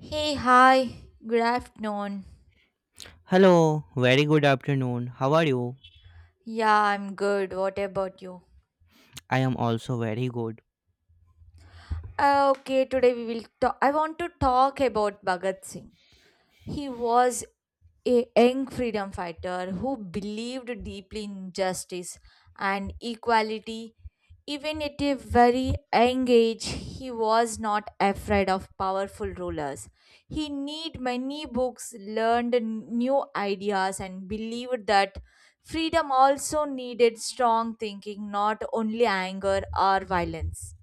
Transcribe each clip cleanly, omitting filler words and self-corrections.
Hey, hi, good afternoon. Hello, very good afternoon. How are you? Yeah, I'm good. What about you? I am also very good. Okay, today we will talk. I want to talk about Bhagat Singh. He was a young freedom fighter who believed deeply in justice and equality. Even at a very young age, he was not afraid of powerful rulers. He read many books, learned new ideas, and believed that freedom also needed strong thinking, not only anger or violence.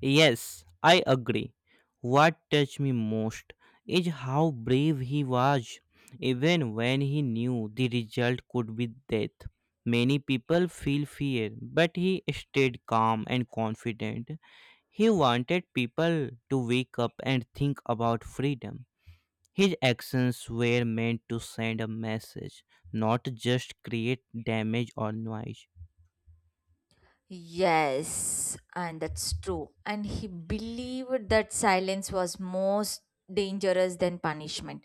Yes, I agree. What touched me most is how brave he was, even when he knew the result could be death. Many people feel fear, but he stayed calm and confident. He wanted people to wake up and think about freedom. His actions were meant to send a message, not just create damage or noise. Yes, and that's true. And he believed that silence was most dangerous than punishment.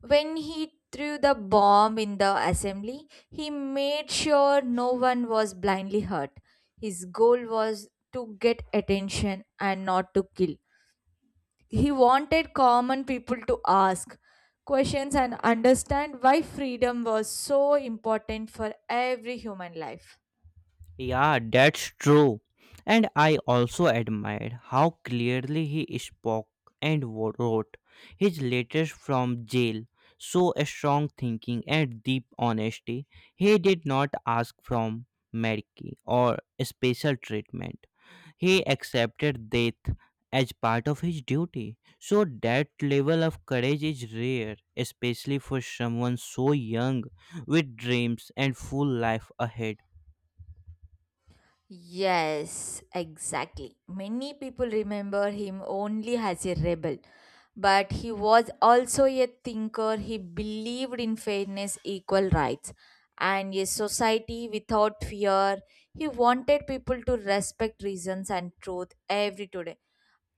When he threw the bomb in the assembly, he made sure no one was blindly hurt. His goal was to get attention and not to kill. He wanted common people to ask questions and understand why freedom was so important for every human life. Yeah, that's true. And I also admired how clearly he spoke and wrote his letters from jail. So a strong thinking and deep honesty. He did not ask from mercy or special treatment. He accepted death as part of his duty. So that level of courage is rare, especially for someone so young with dreams and full life ahead. Yes, exactly. Many people remember him only as a rebel, but he was also a thinker. He believed in fairness, equal rights, and a society without fear. He wanted people to respect reasons and truth every today.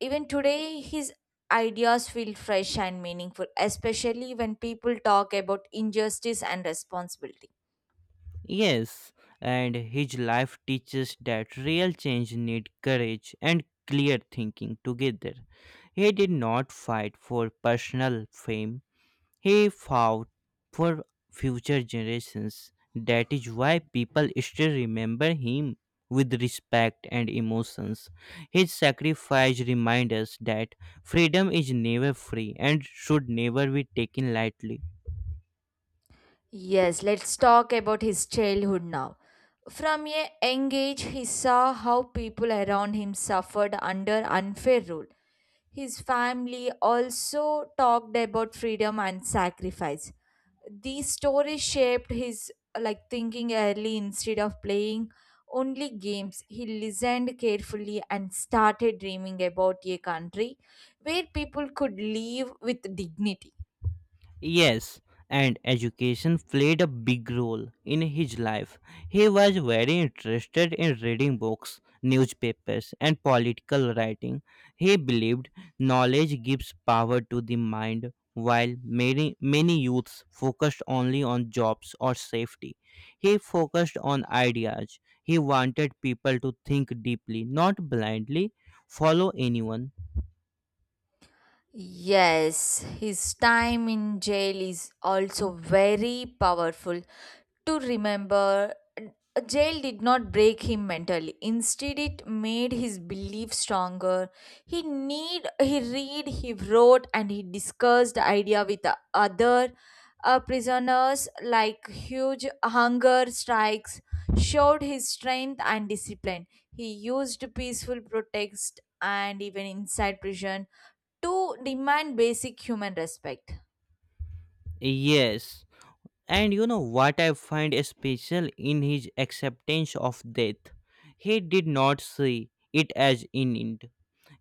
Even today, his ideas feel fresh and meaningful, especially when people talk about injustice and responsibility. Yes, and his life teaches that real change need courage and clear thinking together. He did not fight for personal fame. He fought for future generations. That is why people still remember him with respect and emotions. His sacrifice reminds us that freedom is never free and should never be taken lightly. Yes, let's talk about his childhood now. From a young age, he saw how people around him suffered under unfair rule. His family also talked about freedom and sacrifice. These stories shaped his like thinking early instead of playing only games. He listened carefully and started dreaming about a country where people could live with dignity. Yes, and education played a big role in his life. He was very interested in reading books, newspapers, and political writing. He believed knowledge gives power to the mind, while many youths focused only on jobs or safety. He focused on ideas. He wanted people to think deeply, not blindly follow anyone. Yes, his time in jail is also very powerful. To remember, jail did not break him mentally. Instead, it made his belief stronger. He read, he wrote, and he discussed the idea with the other prisoners. Like huge hunger strikes, showed his strength and discipline. He used peaceful protest and even inside prison to demand basic human respect. Yes. And you know what I find special in his acceptance of death? He did not see it as an end.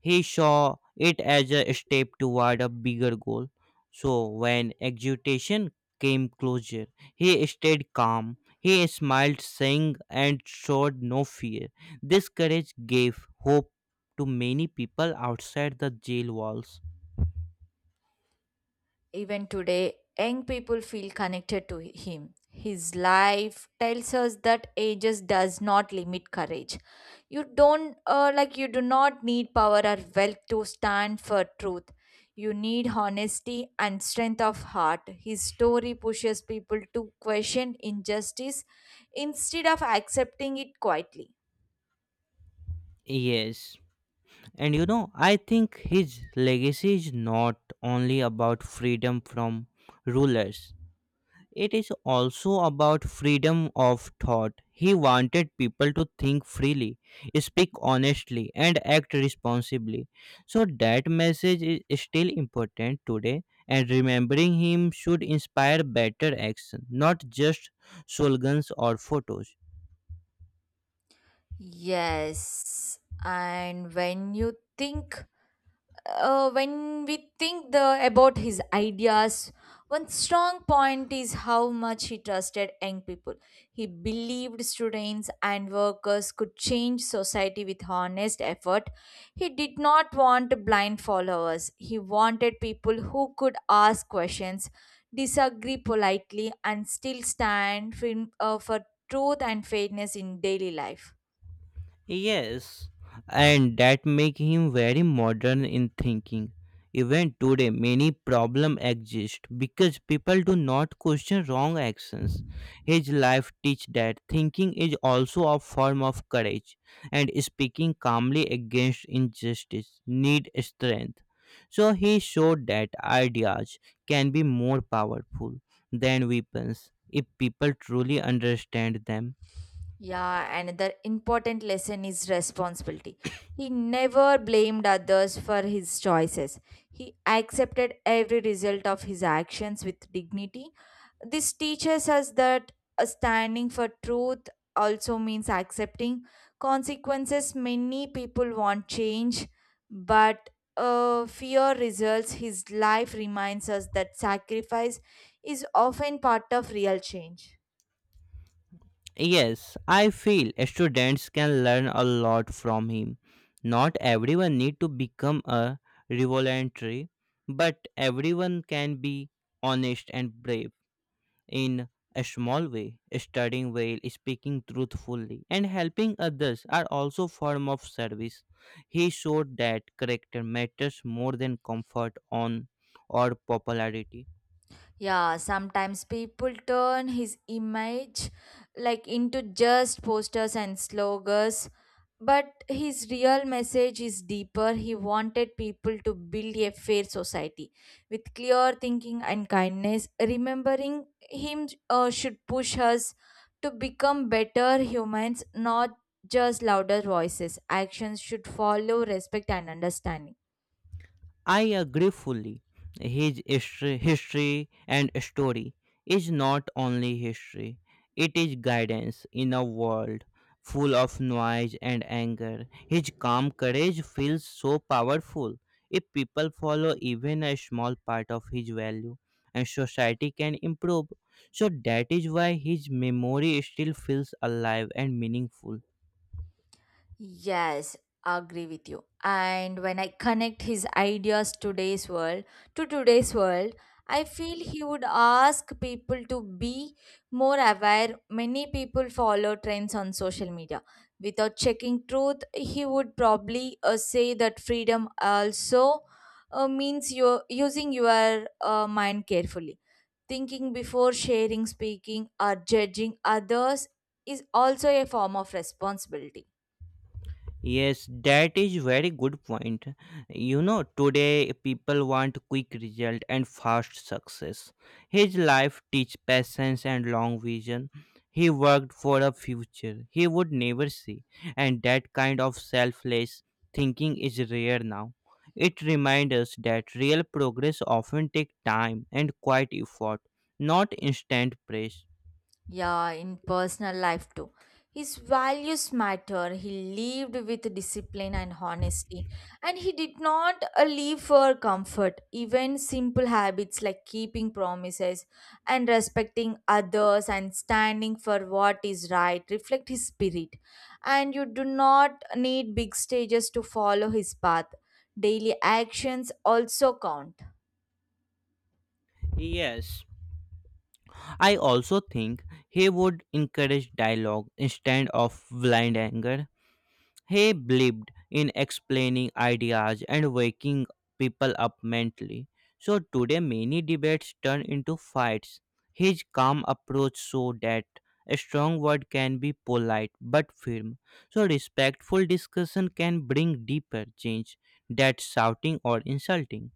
He saw it as a step toward a bigger goal. So when exultation came closer, he stayed calm. He smiled, sang, and showed no fear. This courage gave hope to many people outside the jail walls. Even today, young people feel connected to him. His life tells us that ages does not limit courage. You don't like You do not need power or wealth to stand for truth. You need honesty and strength of heart. His story pushes people to question injustice instead of accepting it quietly. Yes. And you know, I think his legacy is not only about freedom from rulers, it is also about freedom of thought. He wanted people to think freely, speak honestly, and act responsibly. So, that message is still important today, and remembering him should inspire better action, not just slogans or photos. Yes, and when we think the about his ideas, one strong point is how much he trusted young people. He believed students and workers could change society with honest effort. He did not want blind followers. He wanted people who could ask questions, disagree politely, and still stand firm, for truth and fairness in daily life. Yes, and that make him very modern in thinking. Even today, many problem exist because people do not question wrong actions. His life teach that thinking is also a form of courage, and speaking calmly against injustice need strength. So he showed that ideas can be more powerful than weapons if people truly understand them. Yeah, another important lesson is responsibility. He never blamed others for his choices. He accepted every result of his actions with dignity. This teaches us that standing for truth also means accepting consequences. Many people want change, but fear results. His life reminds us that sacrifice is often part of real change. Yes, I feel students can learn a lot from him. Not everyone need to become a revolutionary, but everyone can be honest and brave in a small way. Studying well, speaking truthfully, and helping others are also form of service. He showed that character matters more than comfort on or popularity. Yeah, sometimes people turn his image like into just posters and slogans, but his real message is deeper. He wanted people to build a fair society with clear thinking and kindness. Remembering him should push us to become better humans, not just louder voices. Actions should follow respect and understanding. I agree fully. His history and story is not only history, it is guidance in a world full of noise and anger. His calm courage feels so powerful. If people follow even a small part of his value, and society can improve. So that is why his memory still feels alive and meaningful. Yes, agree with you. And when I connect his ideas today's world to today's world, I feel he would ask people to be more aware. Many people follow trends on social media. Without checking truth, he would probably say that freedom also means you using your mind carefully. Thinking before sharing, speaking, or judging others is also a form of responsibility. Yes, that is very good point. You know, today people want quick result and fast success. His life teach patience and long vision. He worked for a future he would never see, and that kind of selfless thinking is rare now. It reminds us that real progress often take time and quite effort, not instant praise. Yeah, in personal life too. His values matter. He lived with discipline and honesty, and he did not live for comfort. Even simple habits like keeping promises and respecting others and standing for what is right reflect his spirit. And you do not need big stages to follow his path. Daily actions also count. Yes, I also think he would encourage dialogue instead of blind anger. He believed in explaining ideas and waking people up mentally. So today many debates turn into fights. His calm approach showed that a strong word can be polite but firm. So respectful discussion can bring deeper change than shouting or insulting.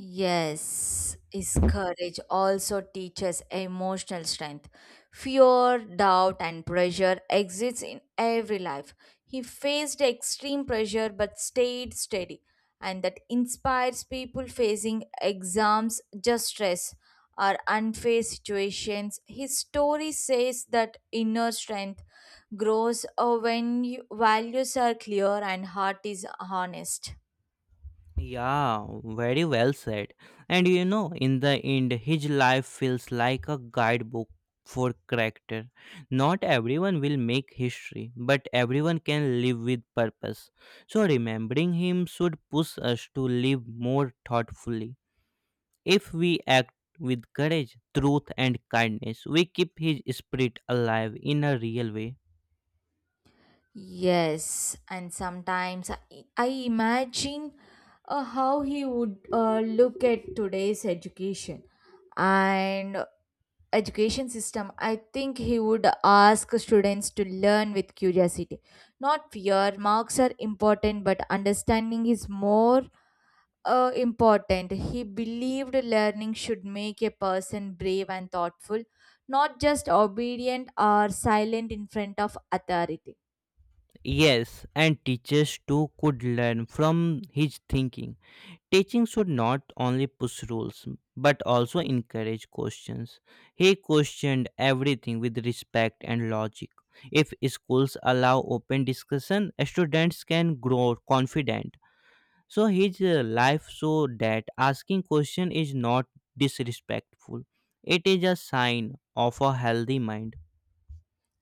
Yes, is courage also teaches emotional strength. Fear, doubt, and pressure exists in every life. He faced extreme pressure but stayed steady, and that inspires people facing exams, just stress, or unfair situations. His story says that inner strength grows when you- values are clear and heart is honest. Yeah, very well said. And you know, in the end, his life feels like a guidebook for character. Not everyone will make history, but everyone can live with purpose. So, remembering him should push us to live more thoughtfully. If we act with courage, truth, and kindness, we keep his spirit alive in a real way. Yes, and sometimes I imagine how he would look at today's education and education system. I think he would ask students to learn with curiosity, not fear. Marks are important, but understanding is more important. He believed learning should make a person brave and thoughtful, not just obedient or silent in front of authority. Yes, and teachers too could learn from his thinking. Teaching should not only push rules but also encourage questions. He questioned everything with respect and logic. If schools allow open discussion, students can grow confident. So his life showed that asking question is not disrespectful. It is a sign of a healthy mind.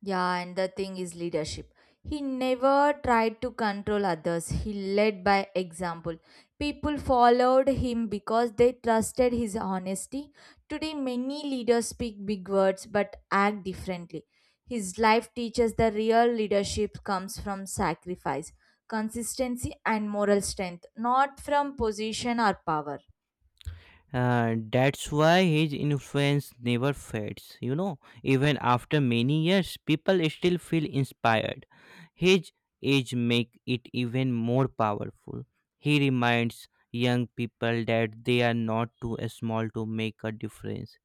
Yeah, and the thing is leadership. He never tried to control others. He led by example. People followed him because they trusted his honesty. Today, many leaders speak big words but act differently. His life teaches the real leadership comes from sacrifice, consistency, and moral strength, not from position or power. That's why his influence never fades. You know, even after many years, people still feel inspired. His age make it even more powerful. He reminds young people that they are not too small to make a difference.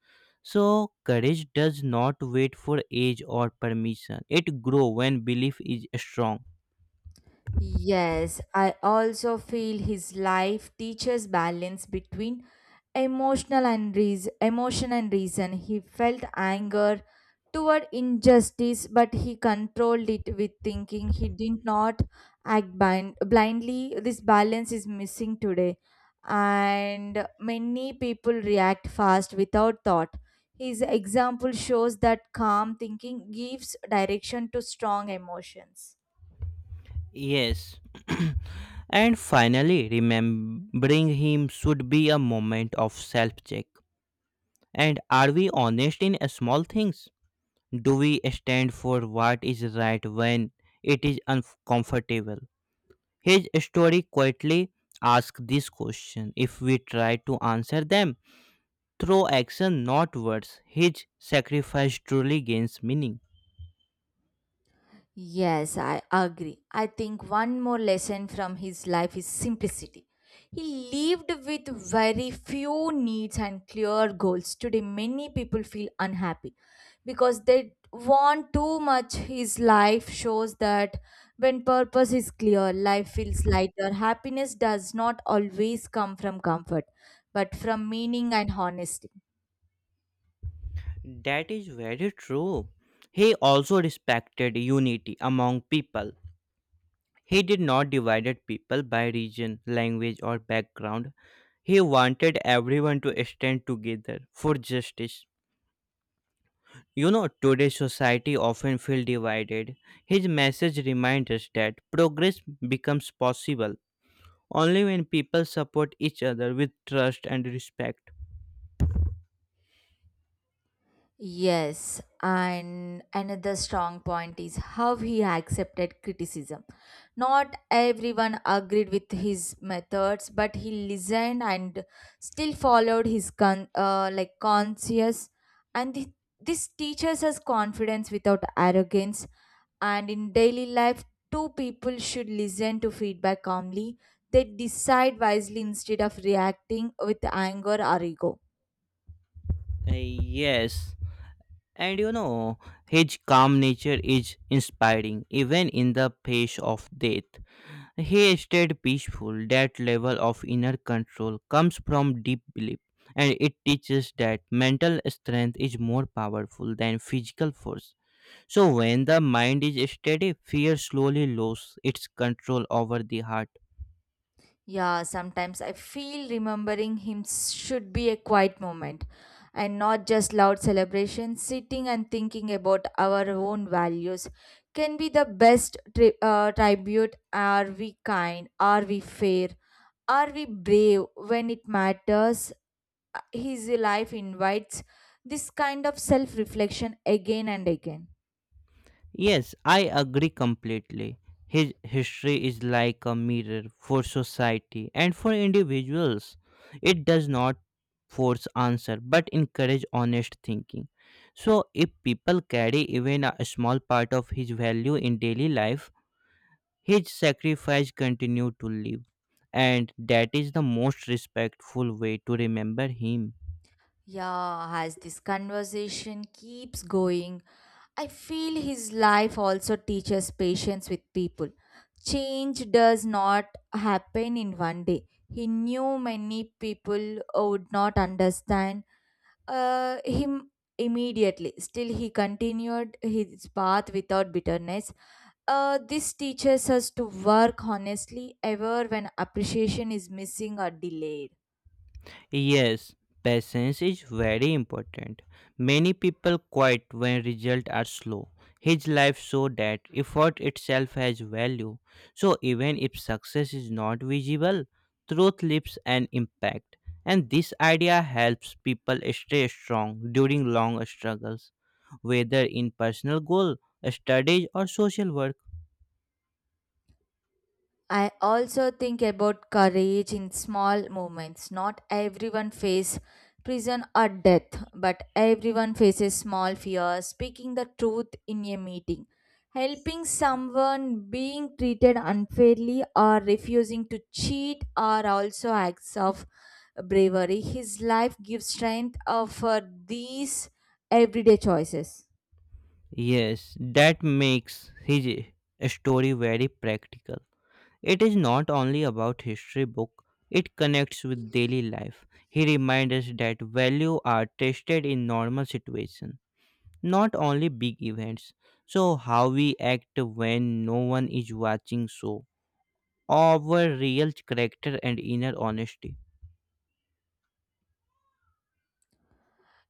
So courage does not wait for age or permission. It grows when belief is strong. Yes, I also feel his life teaches balance between emotion and reason. He felt anger toward injustice, but he controlled it with thinking. He did not blindly. This balance is missing today, and many people react fast without thought. His example shows that calm thinking gives direction to strong emotions. Yes. And finally, remembering him should be a moment of self check. And are we honest in small things? Do we stand for what is right when it is uncomfortable? His story quietly asks this question if we try to answer them through action, not words. His sacrifice truly gains meaning. Yes, I agree. I think one more lesson from his life is simplicity. He lived with very few needs and clear goals. Today, many people feel unhappy because they want too much. His life shows that when purpose is clear, life feels lighter. Happiness does not always come from comfort, but from meaning and honesty. That is very true. He also respected unity among people. He did not divide people by region, language, or background. He wanted everyone to stand together for justice. You know, today's society often feels divided. His message reminds us that progress becomes possible only when people support each other with trust and respect. Yes, and another strong point is how he accepted criticism. Not everyone agreed with his methods, but he listened and still followed his conscience. And this teaches us confidence without arrogance. And in daily life, two people should listen to feedback calmly. They decide wisely instead of reacting with anger or ego. Yes, and you know, his calm nature is inspiring even in the face of death. He stayed peaceful. That level of inner control comes from deep belief, and it teaches that mental strength is more powerful than physical force. So, when the mind is steady, fear slowly loses its control over the heart. Yeah, sometimes I feel remembering him should be a quiet moment and not just loud celebration. Sitting and thinking about our own values can be the best tribute. Are we kind? Are we fair? Are we brave when it matters? His life invites this kind of self reflection again and again. Yes, I agree completely. His history is like a mirror for society and for individuals. It does not force answer but encourage honest thinking. So if people carry even a small part of his value in daily life, his sacrifice continue to live and that is the most respectful way to remember him. Yeah, as this conversation keeps going, I feel his life also teaches patience with people. Change does not happen in one day. He knew many people would not understand him immediately. Still, he continued his path without bitterness. This teaches us to work honestly, ever when appreciation is missing or delayed. Yes, patience is very important. Many people quit when results are slow. His life showed that effort itself has value. So even if success is not visible, truth leaves an impact. And this idea helps people stay strong during long struggles, whether in personal goal, studies or social work. I also think about courage in small moments. Not everyone faces prison or death, but everyone faces small fears. Speaking the truth in a meeting, helping someone being treated unfairly, or refusing to cheat are also acts of bravery. His life gives strength of for these everyday choices. Yes, that makes his story very practical. It is not only about history book, it connects with daily life. He reminds us that value are tested in normal situations, not only big events. So how we act when no one is watching so our real character and inner honesty.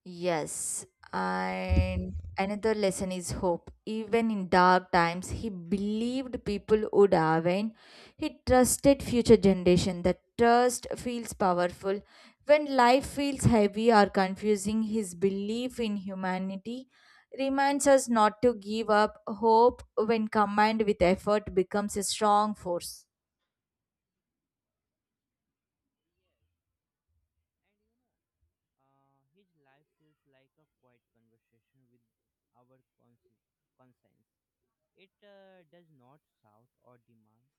Yes, and another lesson is hope. Even in dark times, he believed people would awaken. He trusted future generation. That trust feels powerful. When life feels heavy or confusing, his belief in humanity reminds us not to give up. Hope, when combined with effort, becomes a strong force. Uh, his life feels like a quiet conversation with our conscience. It does not shout or demand,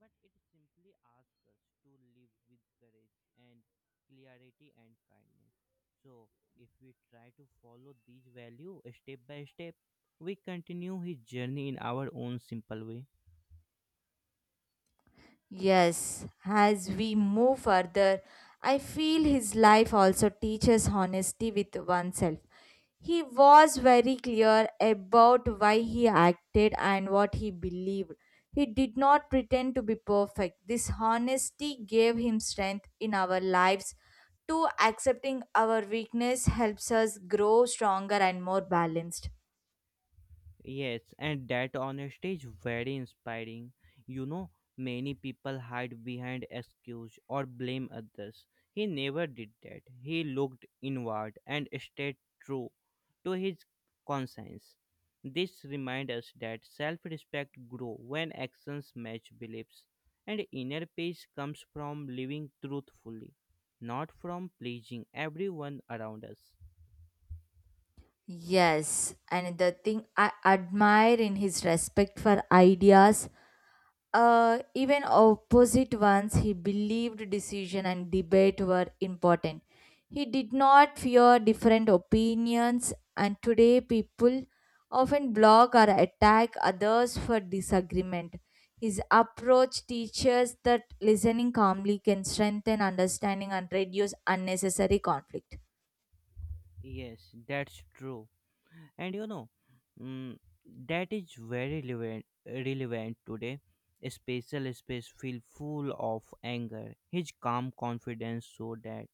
but it simply asks us to live with courage and clarity and kindness. So, if we try to follow these values step by step, we continue his journey in our own simple way. Yes, as we move further, I feel his life also teaches honesty with oneself. He was very clear about why he acted and what he believed. He did not pretend to be perfect. This honesty gave him strength in our lives. To accepting our weakness helps us grow stronger and more balanced. Yes, and that honesty is very inspiring. You know, many people hide behind excuse or blame others. He never did that. He looked inward and stayed true to his conscience. This reminds us that self-respect grows when actions match beliefs, and inner peace comes from living truthfully, not from pleasing everyone around us. Yes, and the thing I admire in his respect for ideas. Even opposite ones he believed decision and debate were important. He did not fear different opinions, and today people often block or attack others for disagreement. His approach teaches that listening calmly can strengthen understanding and reduce unnecessary conflict. Yes, that's true. And you know, mm, that is very relevant today. Spatial space feel full of anger. His calm confidence showed that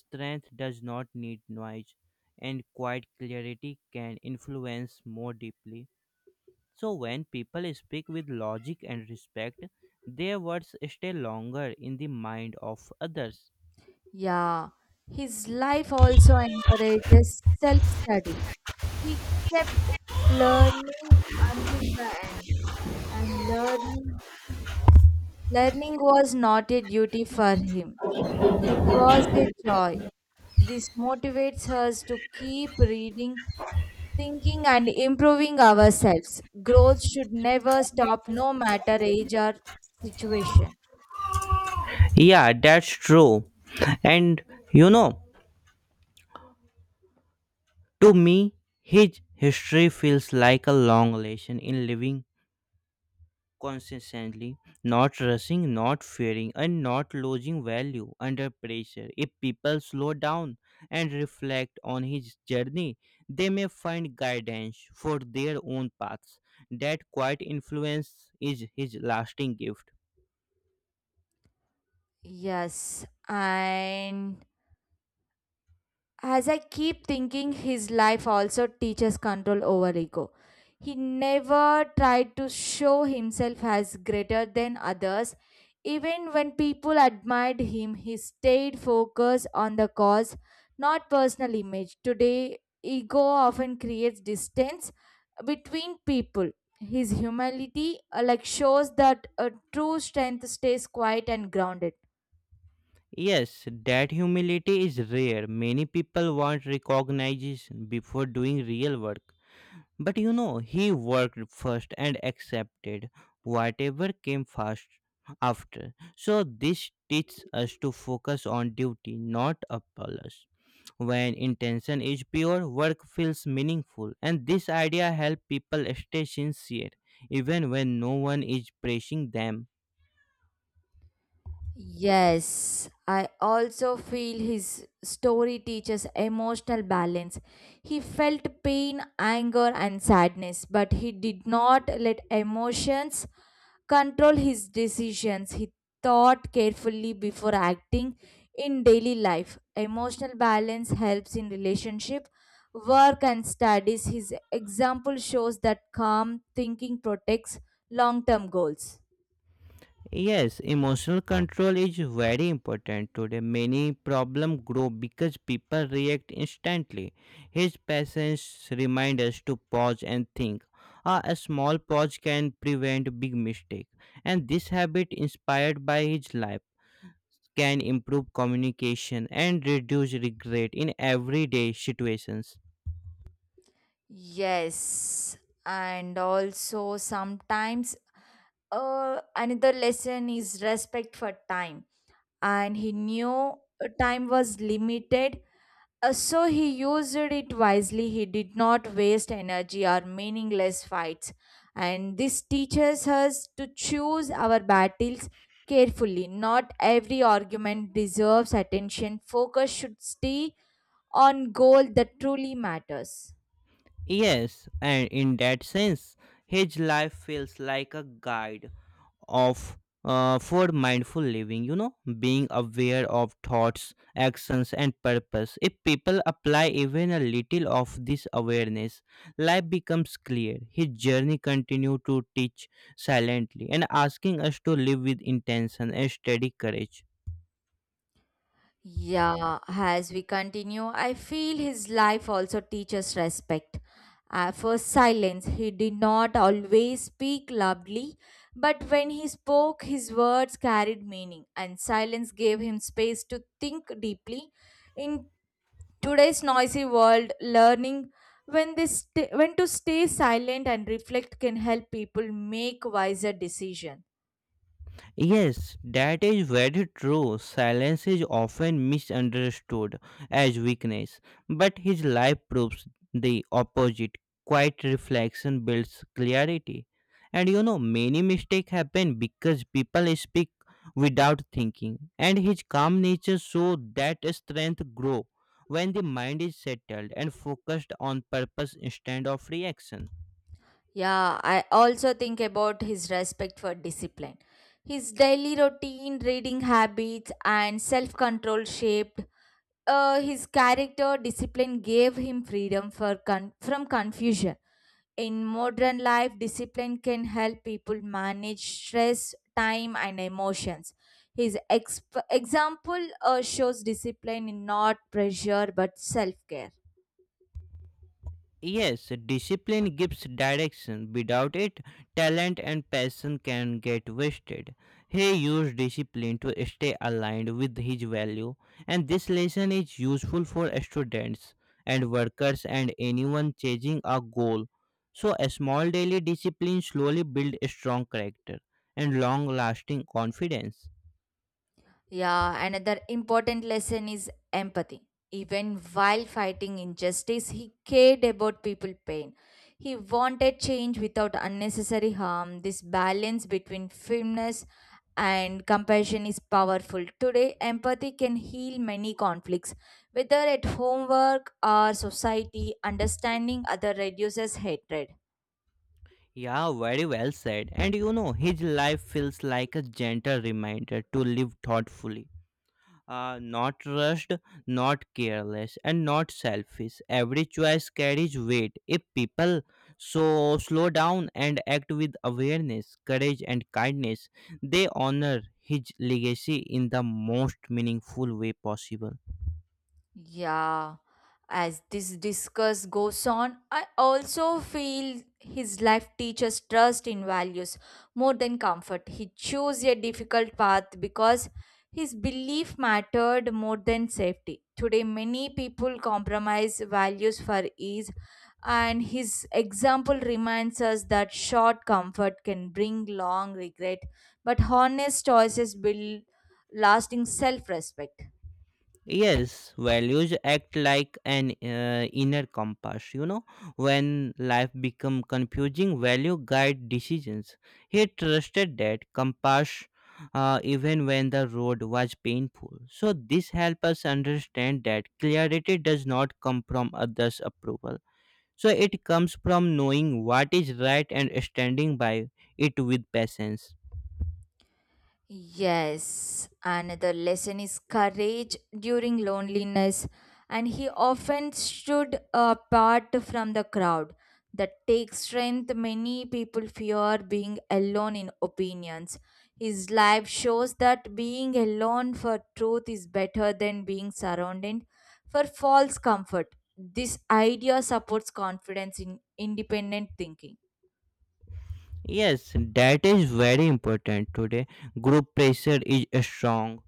strength does not need noise, and quiet clarity can influence more deeply. So when people speak with logic and respect, their words stay longer in the mind of others. Yeah, his life also encourages self study. He kept learning until the end, and learning was not a duty for him, it was a joy. This motivates us to keep reading, thinking, and improving ourselves. Growth should never stop, no matter age or situation. Yeah, that's true. And you know, to me, his history feels like a long lesson in living consistently, not rushing, not fearing, and not losing value under pressure. If people slow down and reflect on his journey, they may find guidance for their own paths. That quiet influence is his lasting gift. Yes, and as I keep thinking, his life also teaches control over ego. He never tried to show himself as greater than others. Even when people admired him, he stayed focused on the cause, not personal image. Today, ego often creates distance between people. His humility shows that a true strength stays quiet and grounded. Yes, that humility is rare. Many people want recognition before doing real work. But you know, he worked first and accepted whatever came fast after. So this teaches us to focus on duty, not applause. When intention is pure, work feels meaningful, and this idea helps people stay sincere even when no one is pressing them. Yes, I also feel his story teaches emotional balance. He felt pain, anger, and sadness, but he did not let emotions control his decisions. He thought carefully before acting in daily life. Emotional balance helps in relationship, work, and studies. His example shows that calm thinking protects long term goals. Yes, emotional control is very important today. Many problems grow because people react instantly. His patience reminds us to pause and think. A small pause can prevent big mistake. And this habit inspired by his life can improve communication and reduce regret in everyday situations. Yes, and also sometimes another lesson is respect for time. And he knew time was limited, so he used it wisely. He did not waste energy or meaningless fights. And this teaches us to choose our battles carefully. Not every argument deserves attention. Focus should stay on goal that truly matters. Yes, and in that sense, his life feels like a guide of for mindful living, you know, being aware of thoughts, actions and purpose. If people apply even a little of this awareness, life becomes clear. His journey continue to teach silently and asking us to live with intention and steady courage. Yeah, as we continue, I feel his life also teaches respect. For silence, he did not always speak loudly, but when he spoke, his words carried meaning, and silence gave him space to think deeply. In today's noisy world, learning when to stay silent and reflect can help people make wiser decisions. Yes, that is very true. Silence is often misunderstood as weakness, but his life proves the opposite. Quiet reflection builds clarity. And you know, many mistakes happen because people speak without thinking, and his calm nature saw that strength grow when the mind is settled and focused on purpose instead of reaction. Yeah, I also think about his respect for discipline. His daily routine, reading habits, and self control shaped his character. Discipline gave him freedom from confusion. In modern life, discipline can help people manage stress, time, and emotions. His example shows discipline in not pressure but self care. Yes, discipline gives direction. Without it, talent and passion can get wasted. He used discipline to stay aligned with his value, and this lesson is useful for students and workers and anyone chasing a goal. So, a small daily discipline slowly builds strong character and long lasting confidence. Yeah, another important lesson is empathy. Even while fighting injustice, he cared about people' pain. He wanted change without unnecessary harm. This balance between firmness and compassion is powerful. Today, empathy can heal many conflicts, whether at homework or society. Understanding other reduces hatred. Yeah, very well said. And you know, his life feels like a gentle reminder to live thoughtfully, not rushed, not careless, and not selfish. Every choice carries weight. If people so slow down and act with awareness, courage, and kindness, they honor his legacy in the most meaningful way possible. Yeah, as this discuss goes on, I also feel his life teaches trust in values more than comfort. He chose a difficult path because his belief mattered more than safety. Today, many people compromise values for ease, and his example reminds us that short comfort can bring long regret, but honest choices build lasting self respect. Yes, values act like an inner compass. You know, when life become confusing, value guide decisions. He trusted that compass, even when the road was painful. So this helps us understand that clarity does not come from others' approval. So it comes from knowing what is right and standing by it with patience. Yes, another lesson is courage during loneliness, and he often stood apart from the crowd. That takes strength. Many people fear being alone in opinions. His life shows that being alone for truth is better than being surrounded for false comfort. This idea supports confidence in independent thinking. Yes, that is very important today. Group pressure is strong,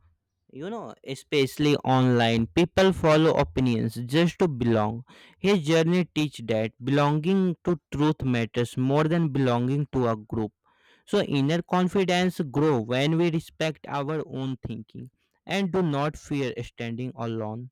you know, especially online people follow opinions just to belong. His journey teach that belonging to truth matters more than belonging to a group. So inner confidence grow when we respect our own thinking and do not fear standing alone.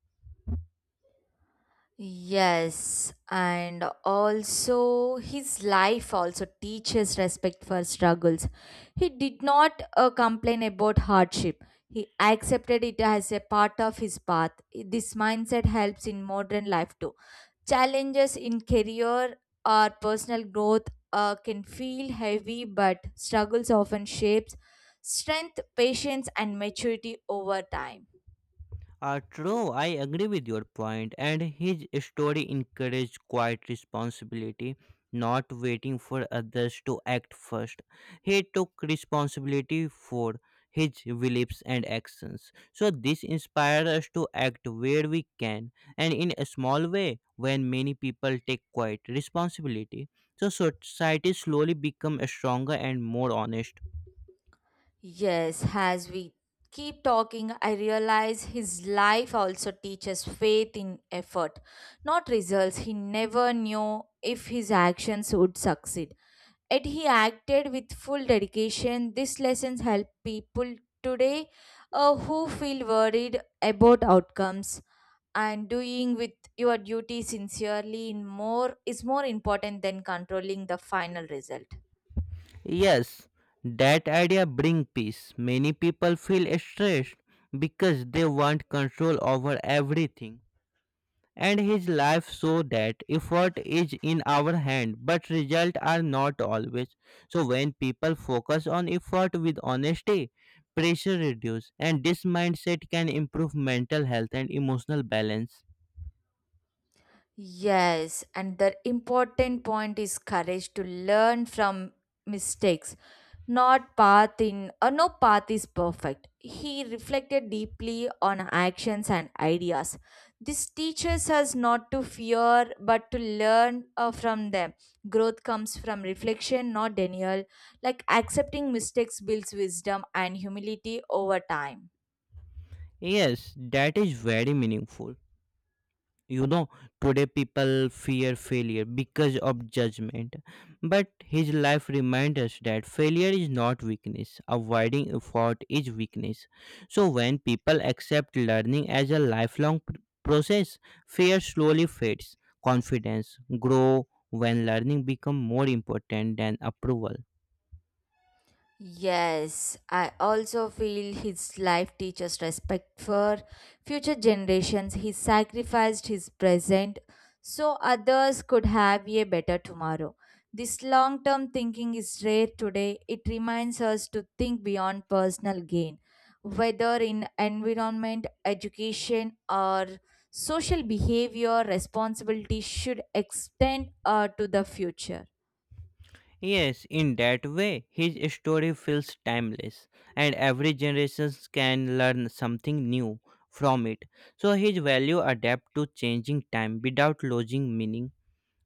Yes, and also his life also teaches respect for struggles. He did not complain about hardship. He accepted it as a part of his path. This mindset helps in modern life too. Challenges in career or personal growth can feel heavy, but struggles often shapes strength, patience, and maturity over time. True, I agree with your point, and his story encouraged quiet responsibility, not waiting for others to act first. He took responsibility for his beliefs and actions. So, this inspires us to act where we can and in a small way when many people take quiet responsibility. So, society slowly becomes stronger and more honest. Yes, as we keep talking, I realize his life also teaches faith in effort, not results. He never knew if his actions would succeed. Yet he acted with full dedication. These lessons help people today who feel worried about outcomes and doing with your duty sincerely in more is more important than controlling the final result. Yes, that idea brings peace. Many people feel stressed because they want control over everything. And his life show that effort is in our hand, but results are not always. So when people focus on effort with honesty, pressure reduce, and this mindset can improve mental health and emotional balance. Yes, and the important point is courage to learn from mistakes. Not path in or no path is perfect. He reflected deeply on actions and ideas. This teaches us not to fear but to learn from them. Growth comes from reflection, not denial. Like accepting mistakes builds wisdom and humility over time. Yes, that is very meaningful. You know, today people fear failure because of judgment, but his life reminds us that failure is not weakness, avoiding effort is weakness. So when people accept learning as a lifelong process, fear slowly fades. Confidence grow when learning become more important than approval. Yes, I also feel his life teaches respect for future generations. He sacrificed his present so others could have a better tomorrow. This long term thinking is rare today. It reminds us to think beyond personal gain, whether in environment, education, or social behavior, responsibility should extend to the future. Yes, in that way, his story feels timeless, and every generation can learn something new from it. So his value adapt to changing time without losing meaning.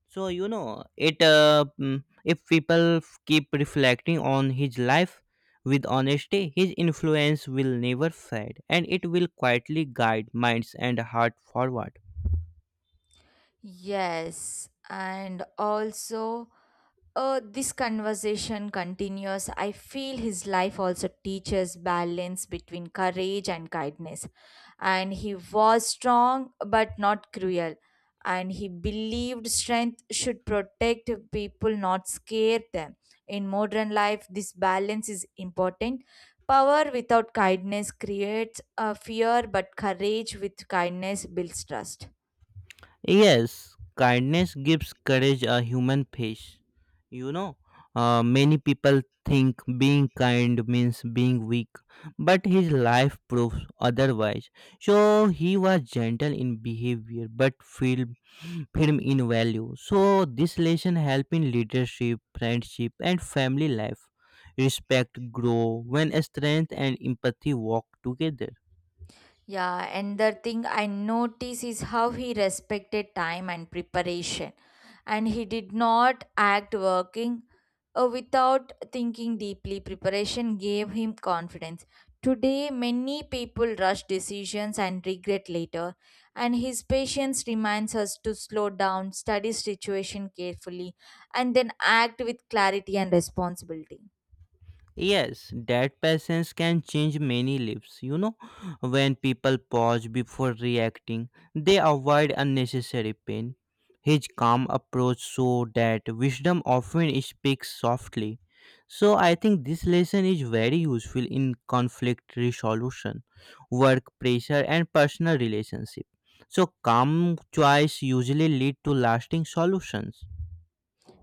So you know it. If people keep reflecting on his life with honesty, his influence will never fade, and it will quietly guide minds and heart forward. Yes, and also. This conversation continues. I feel his life also teaches balance between courage and kindness. And he was strong but not cruel. And he believed strength should protect people, not scare them. In modern life, this balance is important. Power without kindness creates fear, but courage with kindness builds trust. Yes, kindness gives courage a human face. You know, many people think being kind means being weak, but his life proves otherwise. So he was gentle in behavior but firm, firm in value. So this lesson helps in leadership, friendship, and family life. Respect grow when strength and empathy walk together. Yeah, and the thing I notice is how he respected time and preparation, and he did not act working without thinking deeply. Preparation gave him confidence. Today, many people rush decisions and regret later, and his patience reminds us to slow down, study situation carefully, and then act with clarity and responsibility. Yes, that patience can change many lives. You know, when people pause before reacting, they avoid unnecessary pain. His calm approach showed that wisdom often speaks softly. So, I think this lesson is very useful in conflict resolution, work pressure, and personal relationship. So, calm choice usually lead to lasting solutions.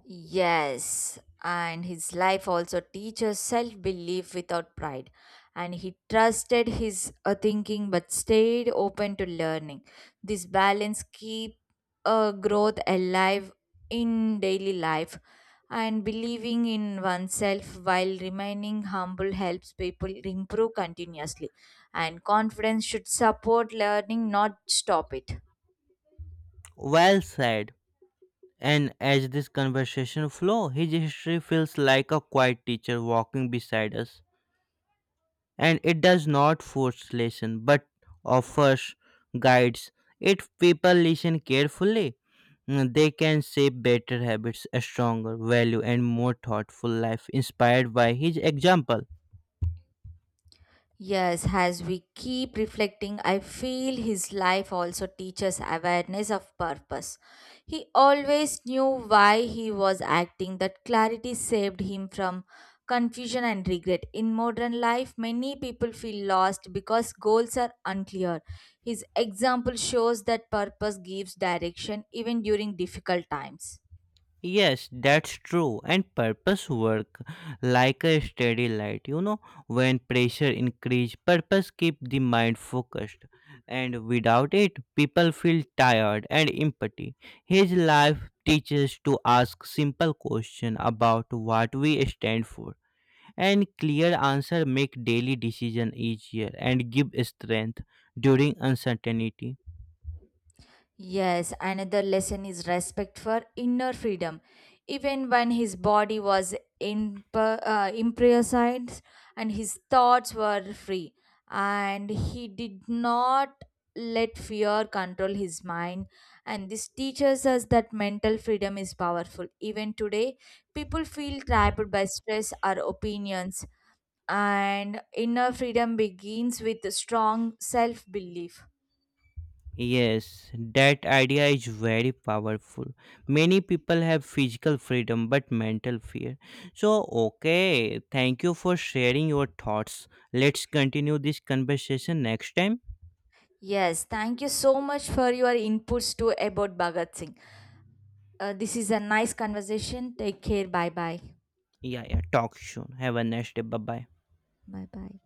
Yes, and his life also teaches self belief without pride. And he trusted his thinking but stayed open to learning. This balance keep growth alive in daily life and believing in oneself while remaining humble helps people improve continuously and confidence should support learning not stop it. Well said. And as this conversation flows, his history feels like a quiet teacher walking beside us. And it does not force lesson but offers guides. If people listen carefully, they can shape better habits, a stronger value, and more thoughtful life inspired by his example. Yes, as we keep reflecting, I feel his life also teaches awareness of purpose. He always knew why he was acting, that clarity saved him from confusion and regret. In modern life, many people feel lost because goals are unclear. His example shows that purpose gives direction even during difficult times. Yes, that's true. And purpose work like a steady light. You know, when pressure increase, purpose keep the mind focused. And without it, people feel tired and empty. His life teaches to ask simple question about what we stand for. And clear answer make daily decision easier and give strength during uncertainty. Yes, another lesson is respect for inner freedom. Even when his body was imprisoned and his thoughts were free, and he did not let fear control his mind. And this teaches us that mental freedom is powerful. Even today, people feel trapped by stress or opinions, and inner freedom begins with strong self belief. Yes, that idea is very powerful. Many people have physical freedom but mental fear. So, okay, thank you for sharing your thoughts. Let's continue this conversation next time. Yes, thank you so much for your inputs too about Bhagat Singh. This is a nice conversation. Take care. Bye bye. Yeah, yeah, talk soon. Have a nice day. Bye bye. Bye bye.